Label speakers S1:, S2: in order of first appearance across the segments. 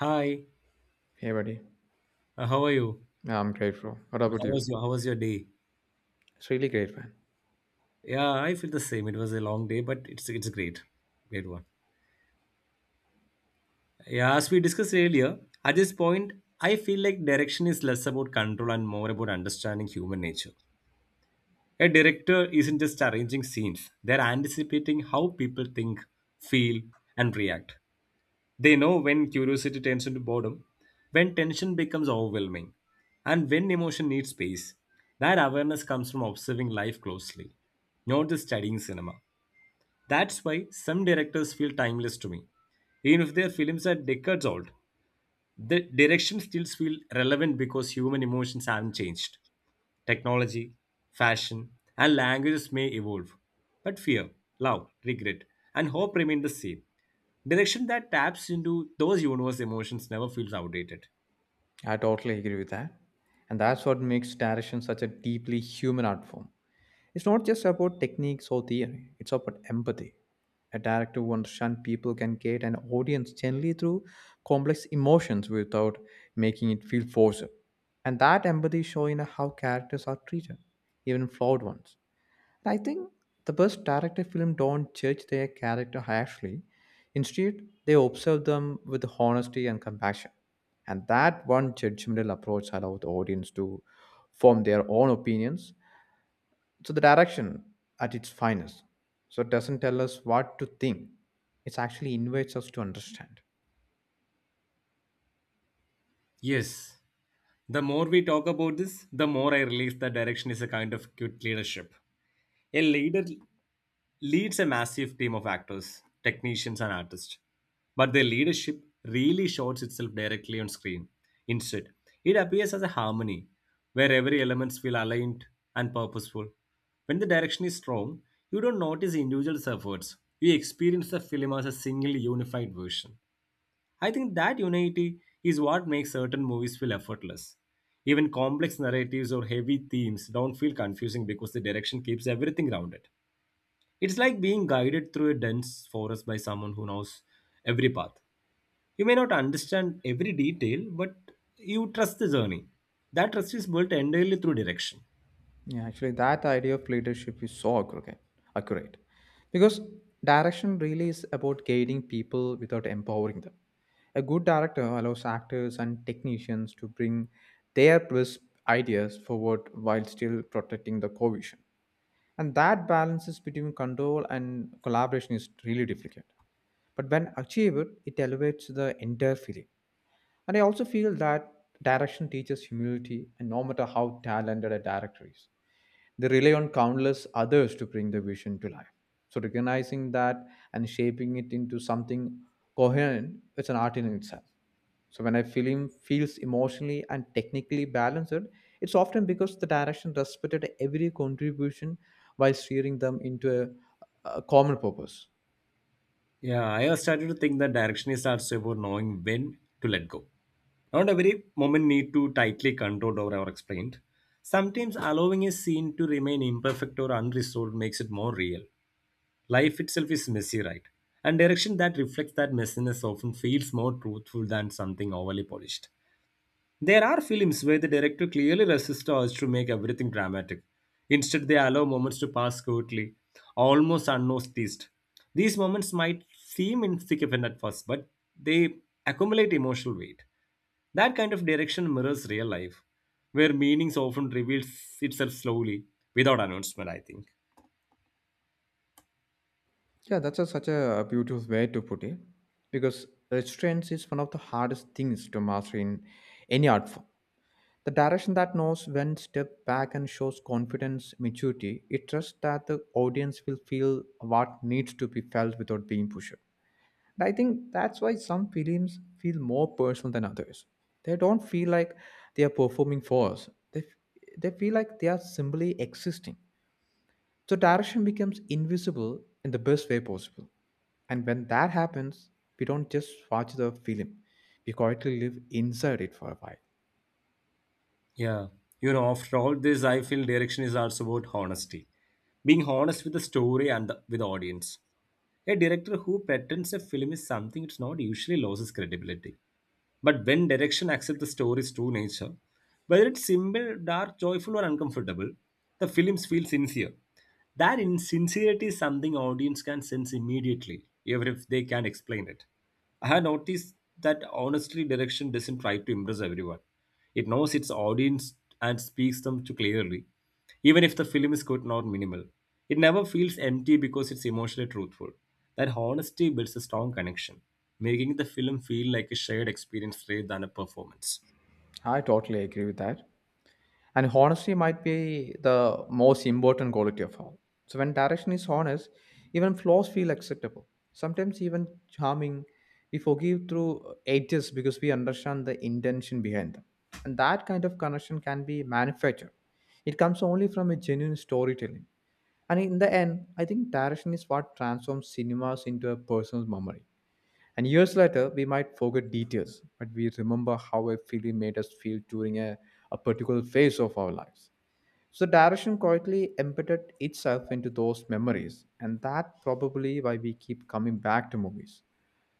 S1: Hi,
S2: Hey, buddy.
S1: how are you?
S2: Yeah, I'm grateful. What about you?
S1: How was your day?
S2: It's really great, man.
S1: Yeah, I feel the same. It was a long day, but it's great, great one. Yeah, as we discussed earlier, at this point, I feel like direction is less about control and more about understanding human nature. A director isn't just arranging scenes; they're anticipating how people think, feel, and react. They know when curiosity turns into boredom, when tension becomes overwhelming, and when emotion needs space. That awareness comes from observing life closely, not just studying cinema. That's why some directors feel timeless to me, even if their films are decades old. The direction still feels relevant because human emotions haven't changed. Technology, fashion, and languages may evolve, but fear, love, regret, and hope remain the same. Direction that taps into those universe emotions never feels outdated.
S2: I totally agree with that. And that's what makes direction such a deeply human art form. It's not just about techniques or theory, it's about empathy. A director who understands people can get an audience gently through complex emotions without making it feel forced. And that empathy shows in how characters are treated, even flawed ones. And I think the best director film don't judge their character harshly. Instead, they observe them with honesty and compassion. And that one judgmental approach allows the audience to form their own opinions. So the direction at its finest. So it doesn't tell us what to think. It actually invites us to understand.
S1: Yes, the more we talk about this, the more I realize that direction is a kind of cute leadership. A leader leads a massive team of actors, technicians, and artists. But their leadership really shows itself directly on screen. Instead, it appears as a harmony where every element feels aligned and purposeful. When the direction is strong, you don't notice individual efforts. You experience the film as a single unified version. I think that unity is what makes certain movies feel effortless. Even complex narratives or heavy themes don't feel confusing because the direction keeps everything rounded. It's like being guided through a dense forest by someone who knows every path. You may not understand every detail, but you trust the journey. That trust is built entirely through direction.
S2: Yeah, actually, that idea of leadership is so accurate because direction really is about guiding people without empowering them. A good director allows actors and technicians to bring their best ideas forward while still protecting the core vision, and that balances between control and collaboration is really difficult, but when achieved it elevates the entire feeling. And I also feel that direction teaches humility, and no matter how talented a director is, they rely on countless others to bring the vision to life. So recognizing that and shaping it into something coherent is an art in itself. So when a film feels emotionally and technically balanced, it's often because the direction respected every contribution while steering them into a common purpose.
S1: Yeah, I have started to think that direction is also about knowing when to let go. Not every moment need to tightly controlled or explained. Sometimes allowing a scene to remain imperfect or unresolved makes it more real. Life itself is messy, right? And direction that reflects that messiness often feels more truthful than something overly polished. There are films where the director clearly resists us to make everything dramatic. Instead, they allow moments to pass quietly, almost unnoticed. These moments might seem insignificant at first, but they accumulate emotional weight. That kind of direction mirrors real life, where meanings often reveals itself slowly, without announcement, I think.
S2: Yeah, that's such a beautiful way to put it. Because restraints is one of the hardest things to master in any art form. The direction that knows when step back and shows confidence, maturity, it trusts that the audience will feel what needs to be felt without being pushed. And I think that's why some films feel more personal than others. They don't feel like they are performing for us. They feel like they are simply existing. So direction becomes invisible in the best way possible. And when that happens, we don't just watch the film. We quietly live inside it for a while.
S1: Yeah. You know, after all this, I feel direction is also about honesty. Being honest with the story with the audience. A director who patterns a film is something it's not usually loses credibility. But when direction accepts the story's true nature, whether it's simple, dark, joyful, or uncomfortable, the films feel sincere. That insincerity is something audience can sense immediately, even if they can't explain it. I have noticed that honestly, direction doesn't try to impress everyone. It knows its audience and speaks them to clearly even if the film is good or minimal. It never feels empty because it's emotionally truthful. That honesty builds a strong connection, making the film feel like a shared experience rather than a performance.
S2: I totally agree with that. And honesty might be the most important quality of all. So when direction is honest, even flaws feel acceptable. Sometimes even charming. We forgive through edges because we understand the intention behind them. And that kind of connection can be manufactured. It comes only from a genuine storytelling. And in the end, I think direction is what transforms cinemas into a person's memory. And years later, we might forget details, but we remember how a film made us feel during a particular phase of our lives. So direction quietly embedded itself into those memories, and that probably why we keep coming back to movies.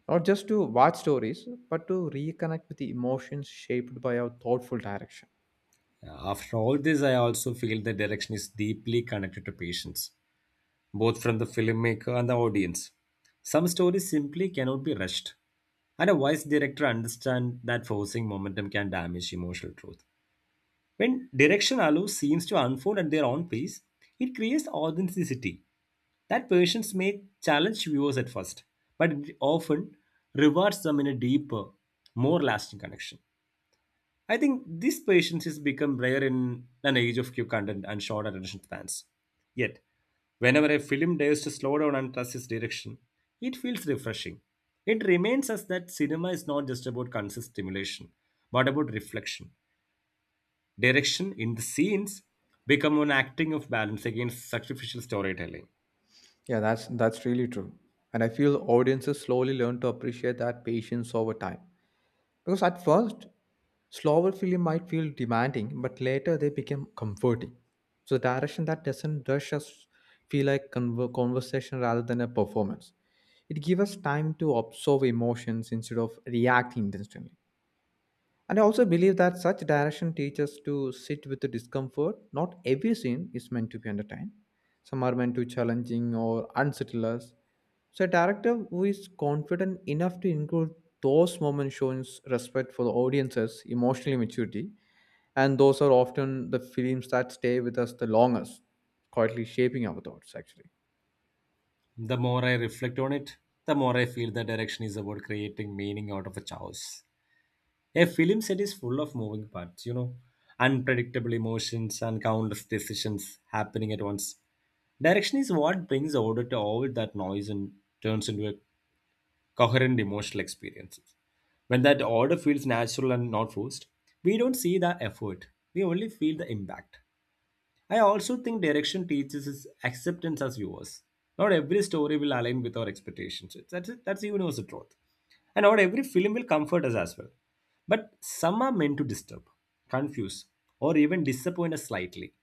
S2: Not just to watch stories, but to reconnect with the emotions shaped by our thoughtful direction.
S1: Yeah, after all this, I also feel the direction is deeply connected to patience, both from the filmmaker and the audience. Some stories simply cannot be rushed, and a wise director understands that forcing momentum can damage emotional truth. When direction allows scenes to unfold at their own pace, it creates authenticity. That patience may challenge viewers at first, but it often rewards them in a deeper, more lasting connection. I think this patience has become rare in an age of quick content and short attention spans. Yet, whenever a film dares to slow down and trust its direction, it feels refreshing. It reminds us that cinema is not just about conscious stimulation, but about reflection. Direction in the scenes become an acting of balance against sacrificial storytelling.
S2: Yeah, that's really true. And I feel audiences slowly learn to appreciate that patience over time. Because at first, slower film might feel demanding, but later they become comforting. So direction that doesn't rush us feel like conversation rather than a performance. It gives us time to observe emotions instead of reacting instantly. And I also believe that such direction teaches to sit with the discomfort. Not every scene is meant to be entertained. Some are meant to challenging or unsettle us. So a director who is confident enough to include those moments shows respect for the audience's emotional maturity. And those are often the films that stay with us the longest, quietly shaping our thoughts actually.
S1: The more I reflect on it, the more I feel that direction is about creating meaning out of a chaos. A film set is full of moving parts, you know, unpredictable emotions and countless decisions happening at once. Direction is what brings order to all that noise and turns into a coherent emotional experience. When that order feels natural and not forced, we don't see the effort, we only feel the impact. I also think direction teaches us acceptance as viewers. Not every story will align with our expectations. That's the universal truth. And not every film will comfort us as well. But some are meant to disturb, confuse, or even disappoint us slightly.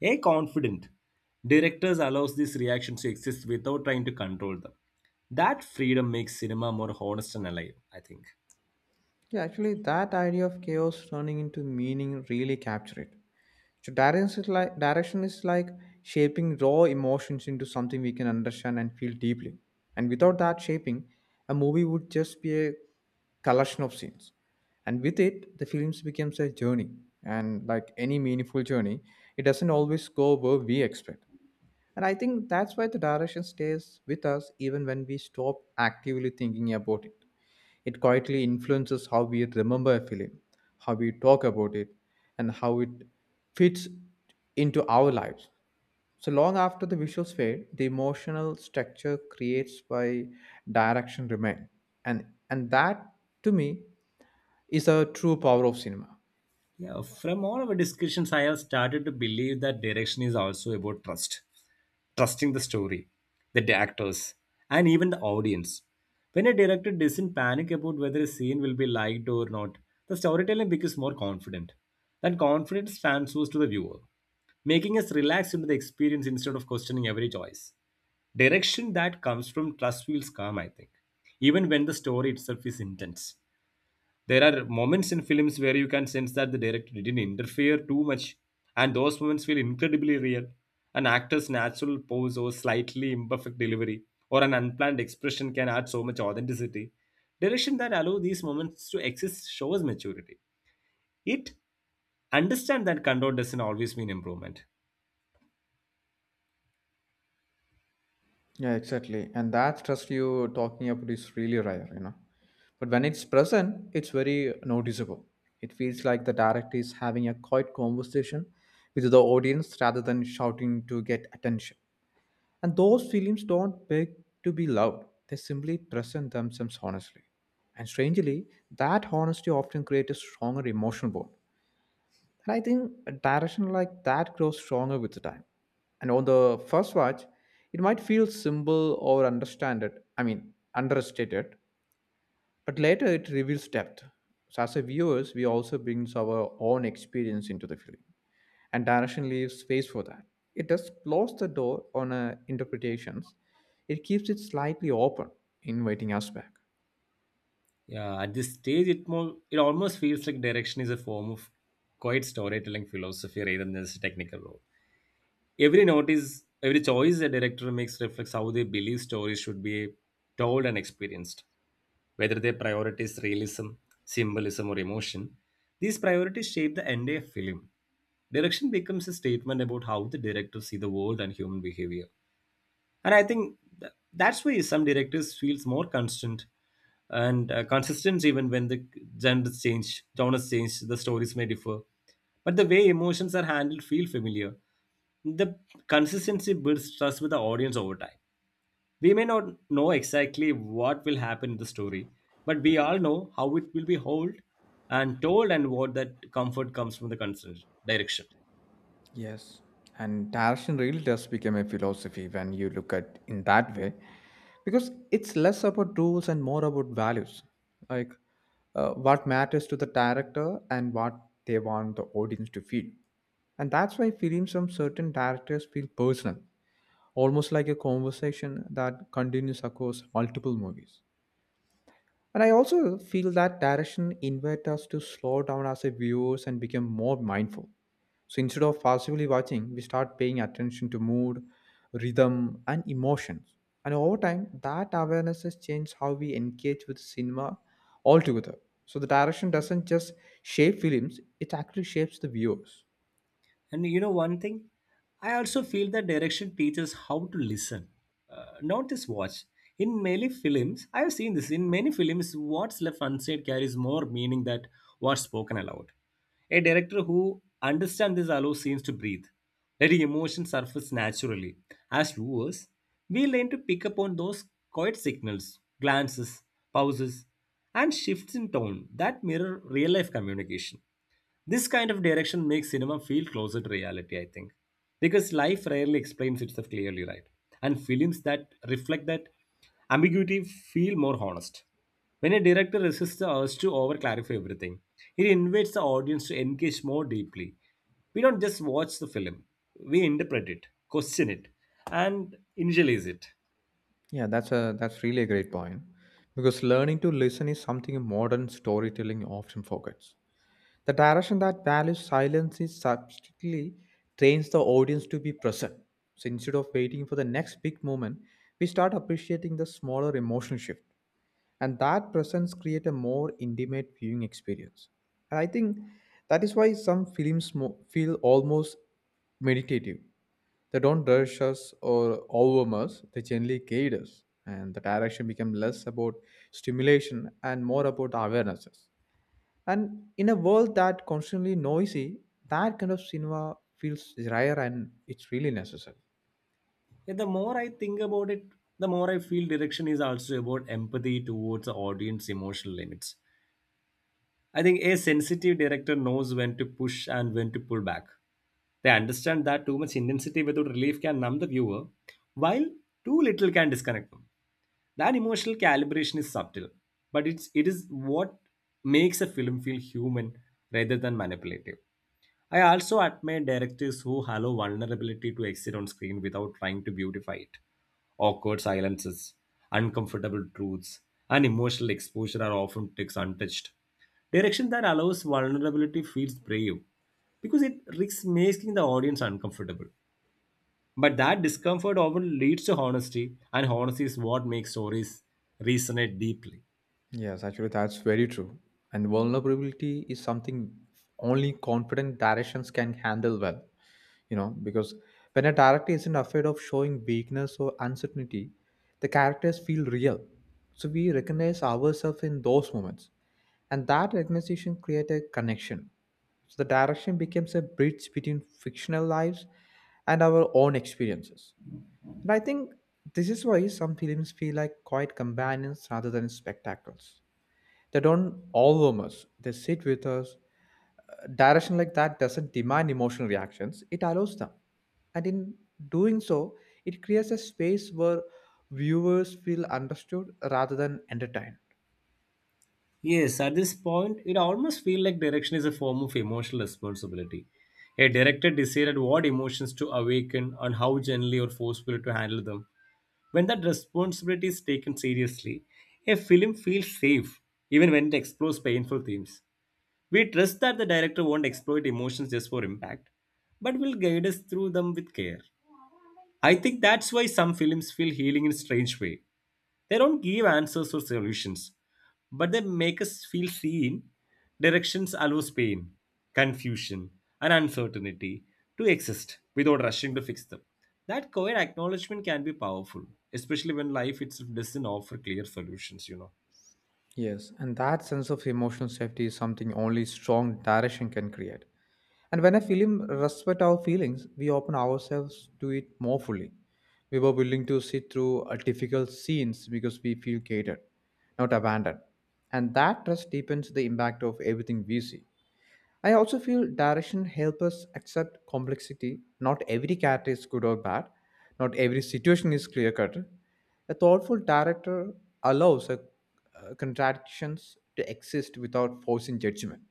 S1: A confident directors allows these reactions to exist without trying to control them. That freedom makes cinema more honest and alive, I think.
S2: Yeah, actually that idea of chaos turning into meaning really captured it. So direction is like shaping raw emotions into something we can understand and feel deeply. And without that shaping, a movie would just be a collection of scenes. And with it, the films becomes a journey. And like any meaningful journey, it doesn't always go where we expect. And I think that's why the direction stays with us even when we stop actively thinking about it. It quietly influences how we remember a film, how we talk about it, and how it fits into our lives. So long after the visuals fade, the emotional structure creates by direction remain. And and that, to me, is a true power of cinema.
S1: Yeah, from all our discussions, I have started to believe that direction is also about trust, trusting the story, the actors, and even the audience. When a director doesn't panic about whether a scene will be liked or not, the storytelling becomes more confident. That confidence transfers to the viewer, making us relax into the experience instead of questioning every choice. Direction that comes from trust feels calm, I think, even when the story itself is intense. There are moments in films where you can sense that the director didn't interfere too much, and those moments feel incredibly real. An actor's natural pose or slightly imperfect delivery or an unplanned expression can add so much authenticity. Direction that allow these moments to exist shows maturity. It understand that control doesn't always mean improvement.
S2: Yeah, exactly. And that stress you talking about is really rare, you know. But when it's present, it's very noticeable. It feels like the director is having a quiet conversation with the audience rather than shouting to get attention. And those films don't beg to be loud. They simply present themselves honestly. And strangely, that honesty often creates a stronger emotional bond. And I think a direction like that grows stronger with the time. And on the first watch, it might feel simple or understand it, I mean, understated, but later it reveals depth. So as a viewers, we also brings our own experience into the film. And direction leaves space for that. It does close the door on interpretations. It keeps it slightly open, inviting us back.
S1: Yeah, at this stage, it almost feels like direction is a form of quiet storytelling philosophy rather than just a technical role. Every notice, every choice a director makes reflects how they believe stories should be told and experienced, whether they prioritize realism, symbolism, or emotion. These priorities shape the entire film. Direction becomes a statement about how the director see the world and human behavior. And I think that's why some directors feels more constant and consistent even when the genres change, the stories may differ. But the way emotions are handled feel familiar. The consistency builds trust with the audience over time. We may not know exactly what will happen in the story, but we all know how it will be held, and told and what that comfort comes from the consistent direction.
S2: Yes, and direction really does become a philosophy when you look at in that way, because it's less about rules and more about values, like what matters to the director and what they want the audience to feel, and that's why films from certain directors feel personal, almost like a conversation that continues across multiple movies. And I also feel that direction invites us to slow down as a viewers and become more mindful. So instead of passively watching, we start paying attention to mood, rhythm, and emotions. And over time, that awareness has changed how we engage with cinema altogether. So the direction doesn't just shape films; it actually shapes the viewers.
S1: And you know one thing, I also feel that direction teaches how to listen, not just watch. In many films, I have seen this. In many films, what's left unsaid carries more meaning than what's spoken aloud. A director who understands this allows scenes to breathe, letting emotion surface naturally. As viewers, we learn to pick up on those quiet signals, glances, pauses, and shifts in tone that mirror real life communication. This kind of direction makes cinema feel closer to reality, I think, because life rarely explains itself clearly, right? And films that reflect that ambiguity feel more honest. When a director resists the urge to over clarify everything, it invites the audience to engage more deeply. We don't just watch the film, we interpret it, question it, and internalize it.
S2: Yeah, that's really a great point. Because learning to listen is something modern storytelling often forgets. The direction that values silence is subtly trains the audience to be present. So instead of waiting for the next big moment, we start appreciating the smaller emotional shift. And that presence creates a more intimate viewing experience. And I think that is why some films feel almost meditative. They don't rush us or overwhelm us, they gently guide us. And the direction becomes less about stimulation and more about awarenesses. And in a world that constantly noisy, that kind of cinema feels rare and it's really necessary.
S1: And the more I think about it, the more I feel direction is also about empathy towards the audience emotional limits. I think a sensitive director knows when to push and when to pull back. They understand that too much intensity without relief can numb the viewer, while too little can disconnect them. That emotional calibration is subtle, but it is what makes a film feel human rather than manipulative. I also admire directors who allow vulnerability to exist on screen without trying to beautify it. Awkward silences, uncomfortable truths, and emotional exposure are often takes untouched. Direction that allows vulnerability feels brave because it risks making the audience uncomfortable. But that discomfort often leads to honesty, and honesty is what makes stories resonate deeply.
S2: Yes, actually, that's very true. And vulnerability is something only confident directions can handle well, you know, because when a director isn't afraid of showing weakness or uncertainty, the characters feel real. So we recognize ourselves in those moments, and that recognition creates a connection. So the direction becomes a bridge between fictional lives and our own experiences. And I think this is why some films feel like quiet companions rather than spectacles. They don't overwhelm us, they sit with us. A direction like that doesn't demand emotional reactions, it allows them. And in doing so, it creates a space where viewers feel understood rather than entertained.
S1: Yes, at this point, it almost feels like direction is a form of emotional responsibility. A director decided what emotions to awaken and how gently or forcefully to handle them. When that responsibility is taken seriously, a film feels safe, even when it explores painful themes. We trust that the director won't exploit emotions just for impact, but will guide us through them with care. I think that's why some films feel healing in a strange way. They don't give answers or solutions, but they make us feel seen. Directions allows pain, confusion, and uncertainty to exist without rushing to fix them. That quiet acknowledgement can be powerful, especially when life itself doesn't offer clear solutions, you know.
S2: Yes, and that sense of emotional safety is something only strong direction can create. And when a film respects our feelings, we open ourselves to it more fully. We were willing to sit through a difficult scenes because we feel catered, not abandoned. And that trust deepens the impact of everything we see. I also feel direction helps us accept complexity. Not every character is good or bad. Not every situation is clear cut. A thoughtful director allows contradictions to exist without forcing judgment,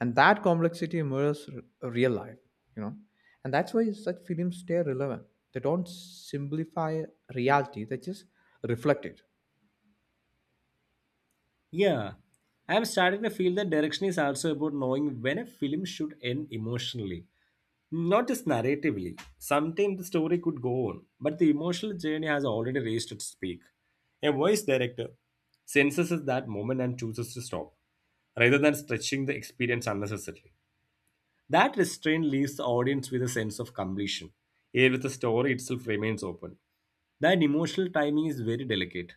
S2: and that complexity mirrors real life, you know. And that's why such films stay relevant. They don't simplify reality, they just reflect it.
S1: Yeah, I'm starting to feel that direction is also about knowing when a film should end emotionally, not just narratively. Sometimes the story could go on, but the emotional journey has already raised its peak. A voice director senses that moment and chooses to stop, rather than stretching the experience unnecessarily. That restraint leaves the audience with a sense of completion, yet the story itself remains open. That emotional timing is very delicate.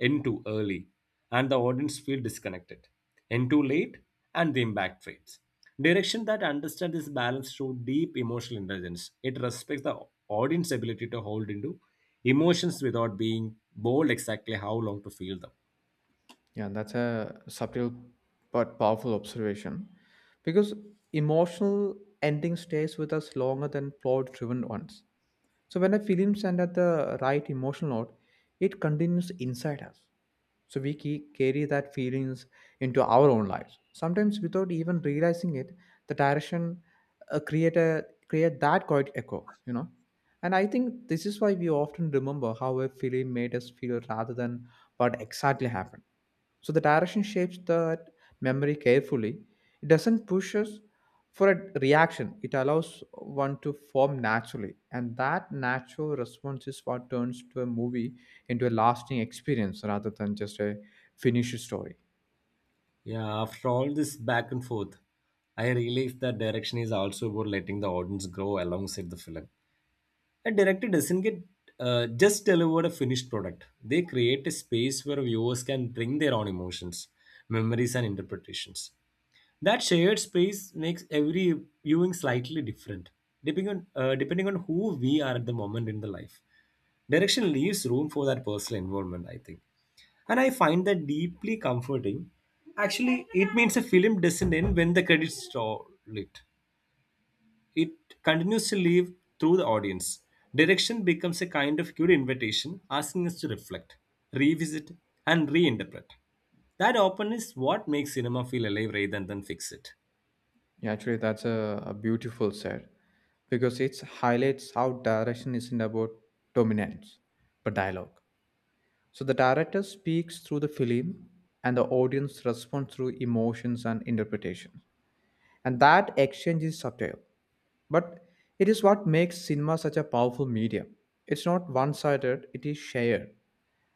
S1: End too early, and the audience feel disconnected. End too late, and the impact fades. Direction that understands this balance through deep emotional intelligence. It respects the audience ability to hold into emotions without being bold exactly how long to feel them.
S2: Yeah, that's a subtle but powerful observation, because emotional ending stays with us longer than plot driven ones. So when a film sends at the right emotional note, it continues inside us. So we carry that feelings into our own lives. Sometimes without even realizing it, the direction create a create that quiet echo, you know. And I think this is why we often remember how a film made us feel rather than what exactly happened. So the direction shapes that memory carefully. It doesn't push us for a reaction. It allows one to form naturally. And that natural response is what turns to a movie into a lasting experience rather than just a finished story.
S1: Yeah, after all this back and forth, I realized that direction is also about letting the audience grow alongside the film. A director doesn't get just delivered a finished product. They create a space where viewers can bring their own emotions, memories, and interpretations. That shared space makes every viewing slightly different, depending on who we are at the moment in the life. Direction leaves room for that personal involvement, I think, and I find that deeply comforting. Actually, it means a film doesn't end when the credits roll it. It continues to live through the audience. Direction becomes a kind of cute invitation asking us to reflect, revisit, and reinterpret. That openness is what makes cinema feel alive rather than fix it.
S2: Yeah, actually, that's a beautiful said, because it highlights how direction isn't about dominance but dialogue. So the director speaks through the film and the audience responds through emotions and interpretation. And that exchange is subtle, but it is what makes cinema such a powerful medium. It's not one sided, it is shared.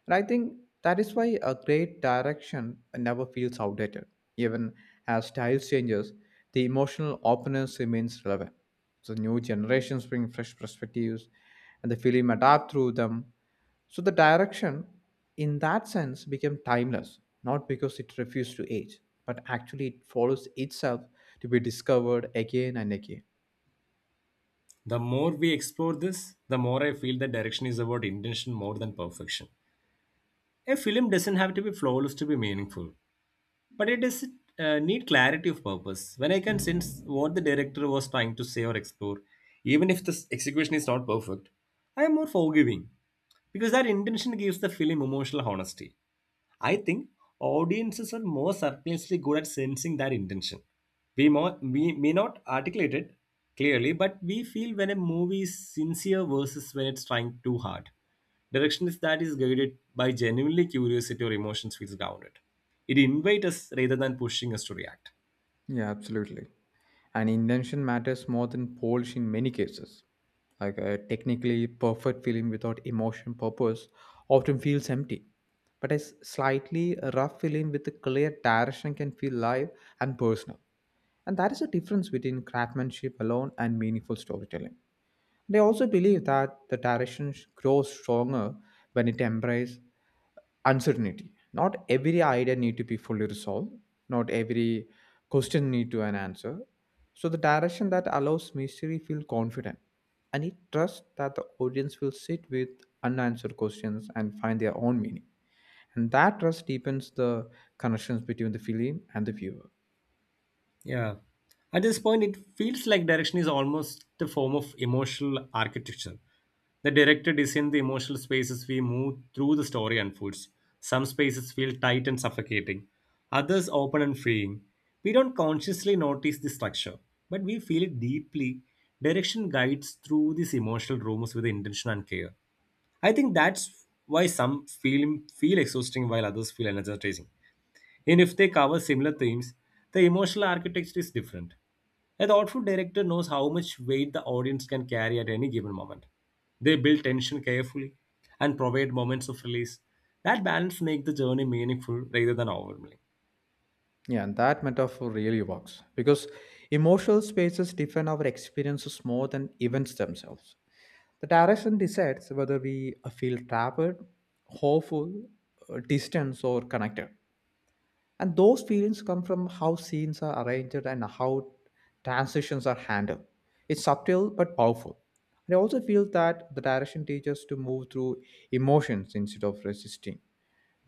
S2: And I think that is why a great direction never feels outdated. Even as style changes, the emotional openness remains relevant. So new generations bring fresh perspectives and the film adapt through them. So the direction, in that sense, became timeless, not because it refused to age, but actually it follows itself to be discovered again and again.
S1: The more we explore this, the more I feel that direction is about intention more than perfection. A film doesn't have to be flawless to be meaningful. But it is need clarity of purpose. When I can sense what the director was trying to say or explore, even if the execution is not perfect, I am more forgiving because that intention gives the film emotional honesty. I think audiences are more surprisingly good at sensing their intention. We may not articulate it clearly, but we feel when a movie is sincere versus when it's trying too hard. Direction is that is guided by genuinely curiosity or emotions feels grounded. It invites us rather than pushing us to react.
S2: Yeah, absolutely. And invention matters more than polish in many cases. Like a technically perfect film without emotion purpose often feels empty. But a slightly rough film with a clear direction can feel live and personal. And that is the difference between craftsmanship alone and meaningful storytelling. They also believe that the direction grows stronger when it embraces uncertainty. Not every idea need to be fully resolved. Not every question need to an answer. So the direction that allows mystery feel confident, and it trusts that the audience will sit with unanswered questions and find their own meaning. And that trust deepens the connections between the film and the viewer.
S1: Yeah. At this point, it feels like direction is almost a form of emotional architecture. The director designs the emotional spaces we move through the story unfolds. Some spaces feel tight and suffocating, others open and freeing. We don't consciously notice the structure, but we feel it deeply. Direction guides through these emotional rooms with intention and care. I think that's why some film feel exhausting while others feel energizing. Even if they cover similar themes, the emotional architecture is different. A thoughtful director knows how much weight the audience can carry at any given moment. They build tension carefully and provide moments of release. That balance makes the journey meaningful rather than overwhelming.
S2: Yeah, and that metaphor really works because emotional spaces define our experiences more than events themselves. The direction decides whether we feel trapped, hopeful, distant, or connected. And those feelings come from how scenes are arranged and how transitions are handled. It's subtle but powerful. And I also feel that the direction teaches to move through emotions instead of resisting.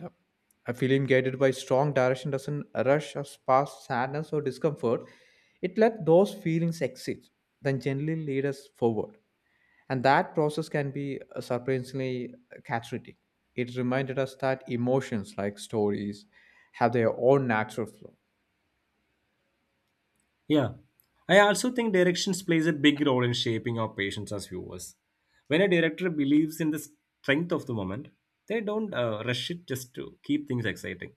S2: Yep. I feel guided by strong direction doesn't rush us past sadness or discomfort. It let those feelings exit, then gently lead us forward. And that process can be surprisingly cathartic. It reminded us that emotions, like stories, have their own natural flow.
S1: Yeah. I also think directions plays a big role in shaping our patients as viewers. When a director believes in the strength of the moment, they don't rush it just to keep things exciting.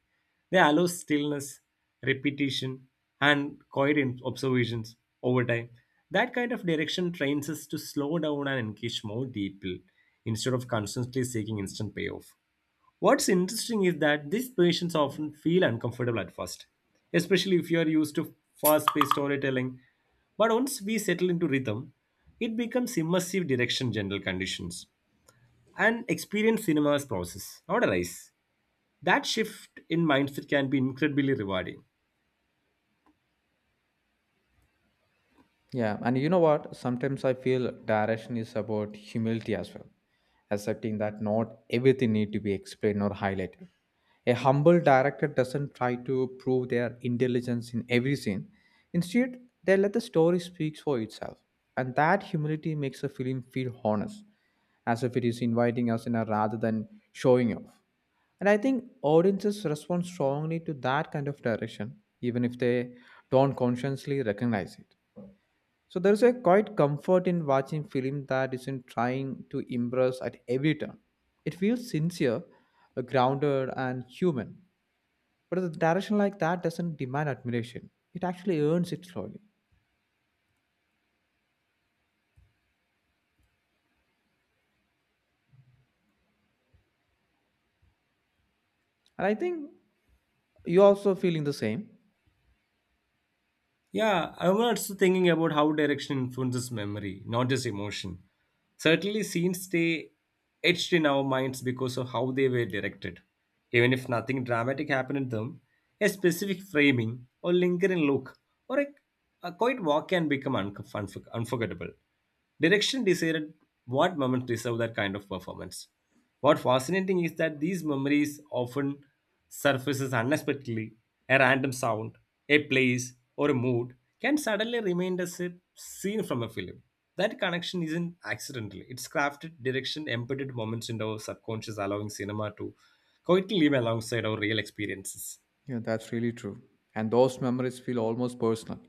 S1: They allow stillness, repetition, and quiet observations over time. That kind of direction trains us to slow down and engage more deeply instead of constantly seeking instant payoff. What's interesting is that these patients often feel uncomfortable at first, especially if you are used to fast paced storytelling. But once we settle into rhythm, it becomes immersive direction general conditions and experience cinema's process, not a race. That shift in mindset can be incredibly rewarding.
S2: Yeah, and you know what? Sometimes I feel direction is about humility as well, accepting that not everything need to be explained or highlighted. A humble director doesn't try to prove their intelligence in every scene. Instead, they let the story speak for itself, and that humility makes a film feel honest, as if it is inviting us in a rather than showing off. And I think audiences respond strongly to that kind of direction, even if they don't consciously recognize it. So there's a quite comfort in watching film that isn't trying to impress at every turn. It feels sincere, grounded, and human. But a direction like that doesn't demand admiration. It actually earns it slowly. And I think you're also feeling the same.
S1: Yeah, I'm also thinking about how direction influences memory, not just emotion. Certainly, scenes stay etched in our minds because of how they were directed. Even if nothing dramatic happened in them, a specific framing or lingering look or a quiet walk can become unforgettable. Direction decided what moments deserve that kind of performance. What fascinating is that these memories often surfaces unexpectedly. A random sound, a place, or a mood can suddenly remind us a scene from a film. That connection isn't accidental. It's crafted, direction, embedded moments in our subconscious, allowing cinema to quietly live alongside our real experiences.
S2: Yeah, that's really true. And those memories feel almost personal,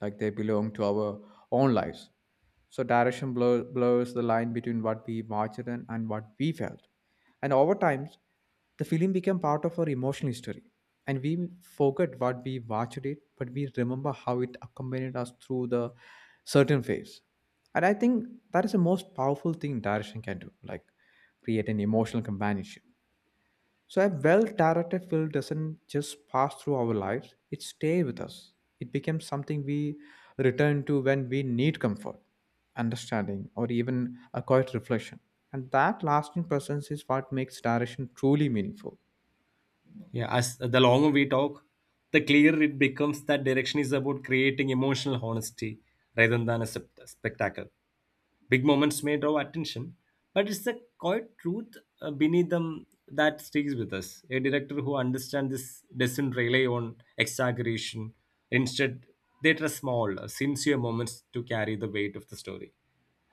S2: like they belong to our own lives. So direction blurs the line between what we imagined and what we felt. And over time, the film became part of our emotional history. And we forget what we watched it, but we remember how it accompanied us through the certain phase. And I think that is the most powerful thing direction can do, like create an emotional companionship. So a well-directed film doesn't just pass through our lives, it stays with us. It becomes something we return to when we need comfort, understanding, or even a quiet reflection. And that lasting presence is what makes direction truly meaningful.
S1: Yeah, as the longer we talk, the clearer it becomes that direction is about creating emotional honesty rather than a spectacle. Big moments may draw attention, but it's the quiet truth beneath them that stays with us. A director who understands this doesn't rely on exaggeration. Instead, they trust small, sincere moments to carry the weight of the story.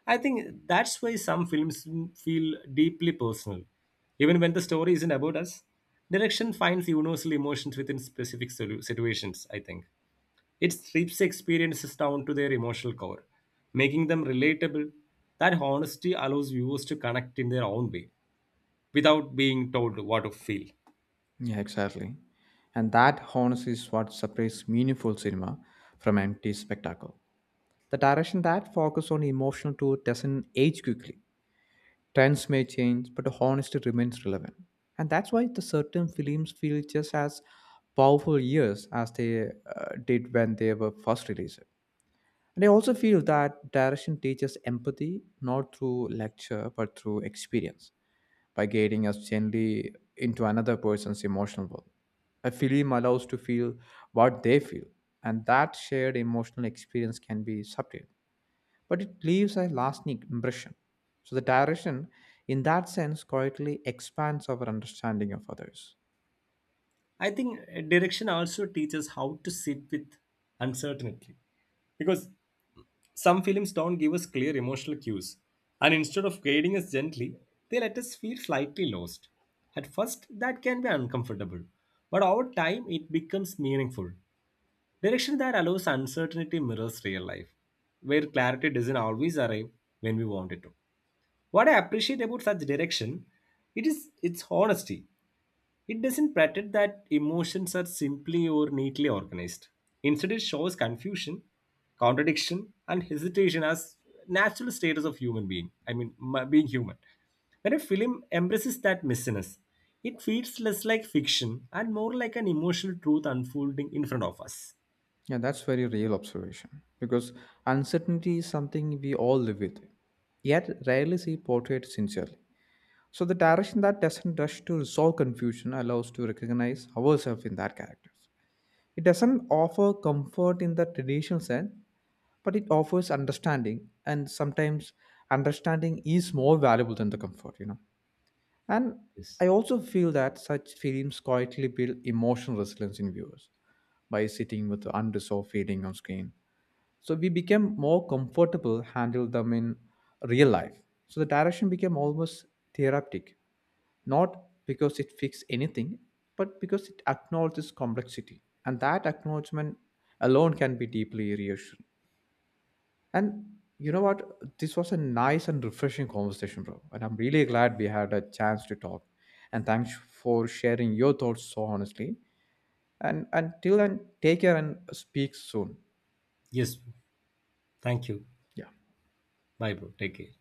S1: I think that's why some films feel deeply personal. Even when the story isn't about us, direction finds universal emotions within specific situations, I think. It strips experiences down to their emotional core, making them relatable. That honesty allows viewers to connect in their own way without being told what to feel.
S2: Yeah, exactly. And that honesty is what separates meaningful cinema from empty spectacle. The direction that focuses on emotional truth doesn't age quickly. Trends may change, but the honesty remains relevant. And that's why the certain films feel just as powerful years as they did when they were first released. And I also feel that direction teaches empathy not through lecture but through experience by guiding us gently into another person's emotional world. A film allows to feel what they feel, and that shared emotional experience can be subtle but it leaves a lasting impression. So the direction, in that sense, quietly expands our understanding of others.
S1: I think direction also teaches how to sit with uncertainty because some films don't give us clear emotional cues, and instead of guiding us gently, they let us feel slightly lost. At first, that can be uncomfortable, but over time, it becomes meaningful. Direction that allows uncertainty mirrors real life, where clarity doesn't always arrive when we want it to. What I appreciate about such direction, it is its honesty. It doesn't pretend that emotions are simply or neatly organized. Instead, it shows confusion, contradiction, and hesitation as natural status of human being. Being human. When a film embraces that messiness, it feels less like fiction and more like an emotional truth unfolding in front of us.
S2: Yeah, that's very real observation because uncertainty is something we all live with, yet rarely see portrayed sincerely. So the direction that doesn't rush to resolve confusion allows to recognize ourselves in that characters. It doesn't offer comfort in the traditional sense, but it offers understanding, and sometimes understanding is more valuable than the comfort, you know. And
S1: Yes.
S2: I also feel that such films quietly build emotional resilience in viewers by sitting with the unresolved feeling on screen. So we became more comfortable handle them in real life. So the direction became almost therapeutic, not because it fixed anything, but because it acknowledges complexity. And that acknowledgement alone can be deeply reassuring. And you know what? This was a nice and refreshing conversation, bro. And I'm really glad we had a chance to talk. And thanks for sharing your thoughts so honestly. And until then, take care and speak soon.
S1: Yes. Thank you.
S2: Yeah.
S1: Bye, bro. Take care.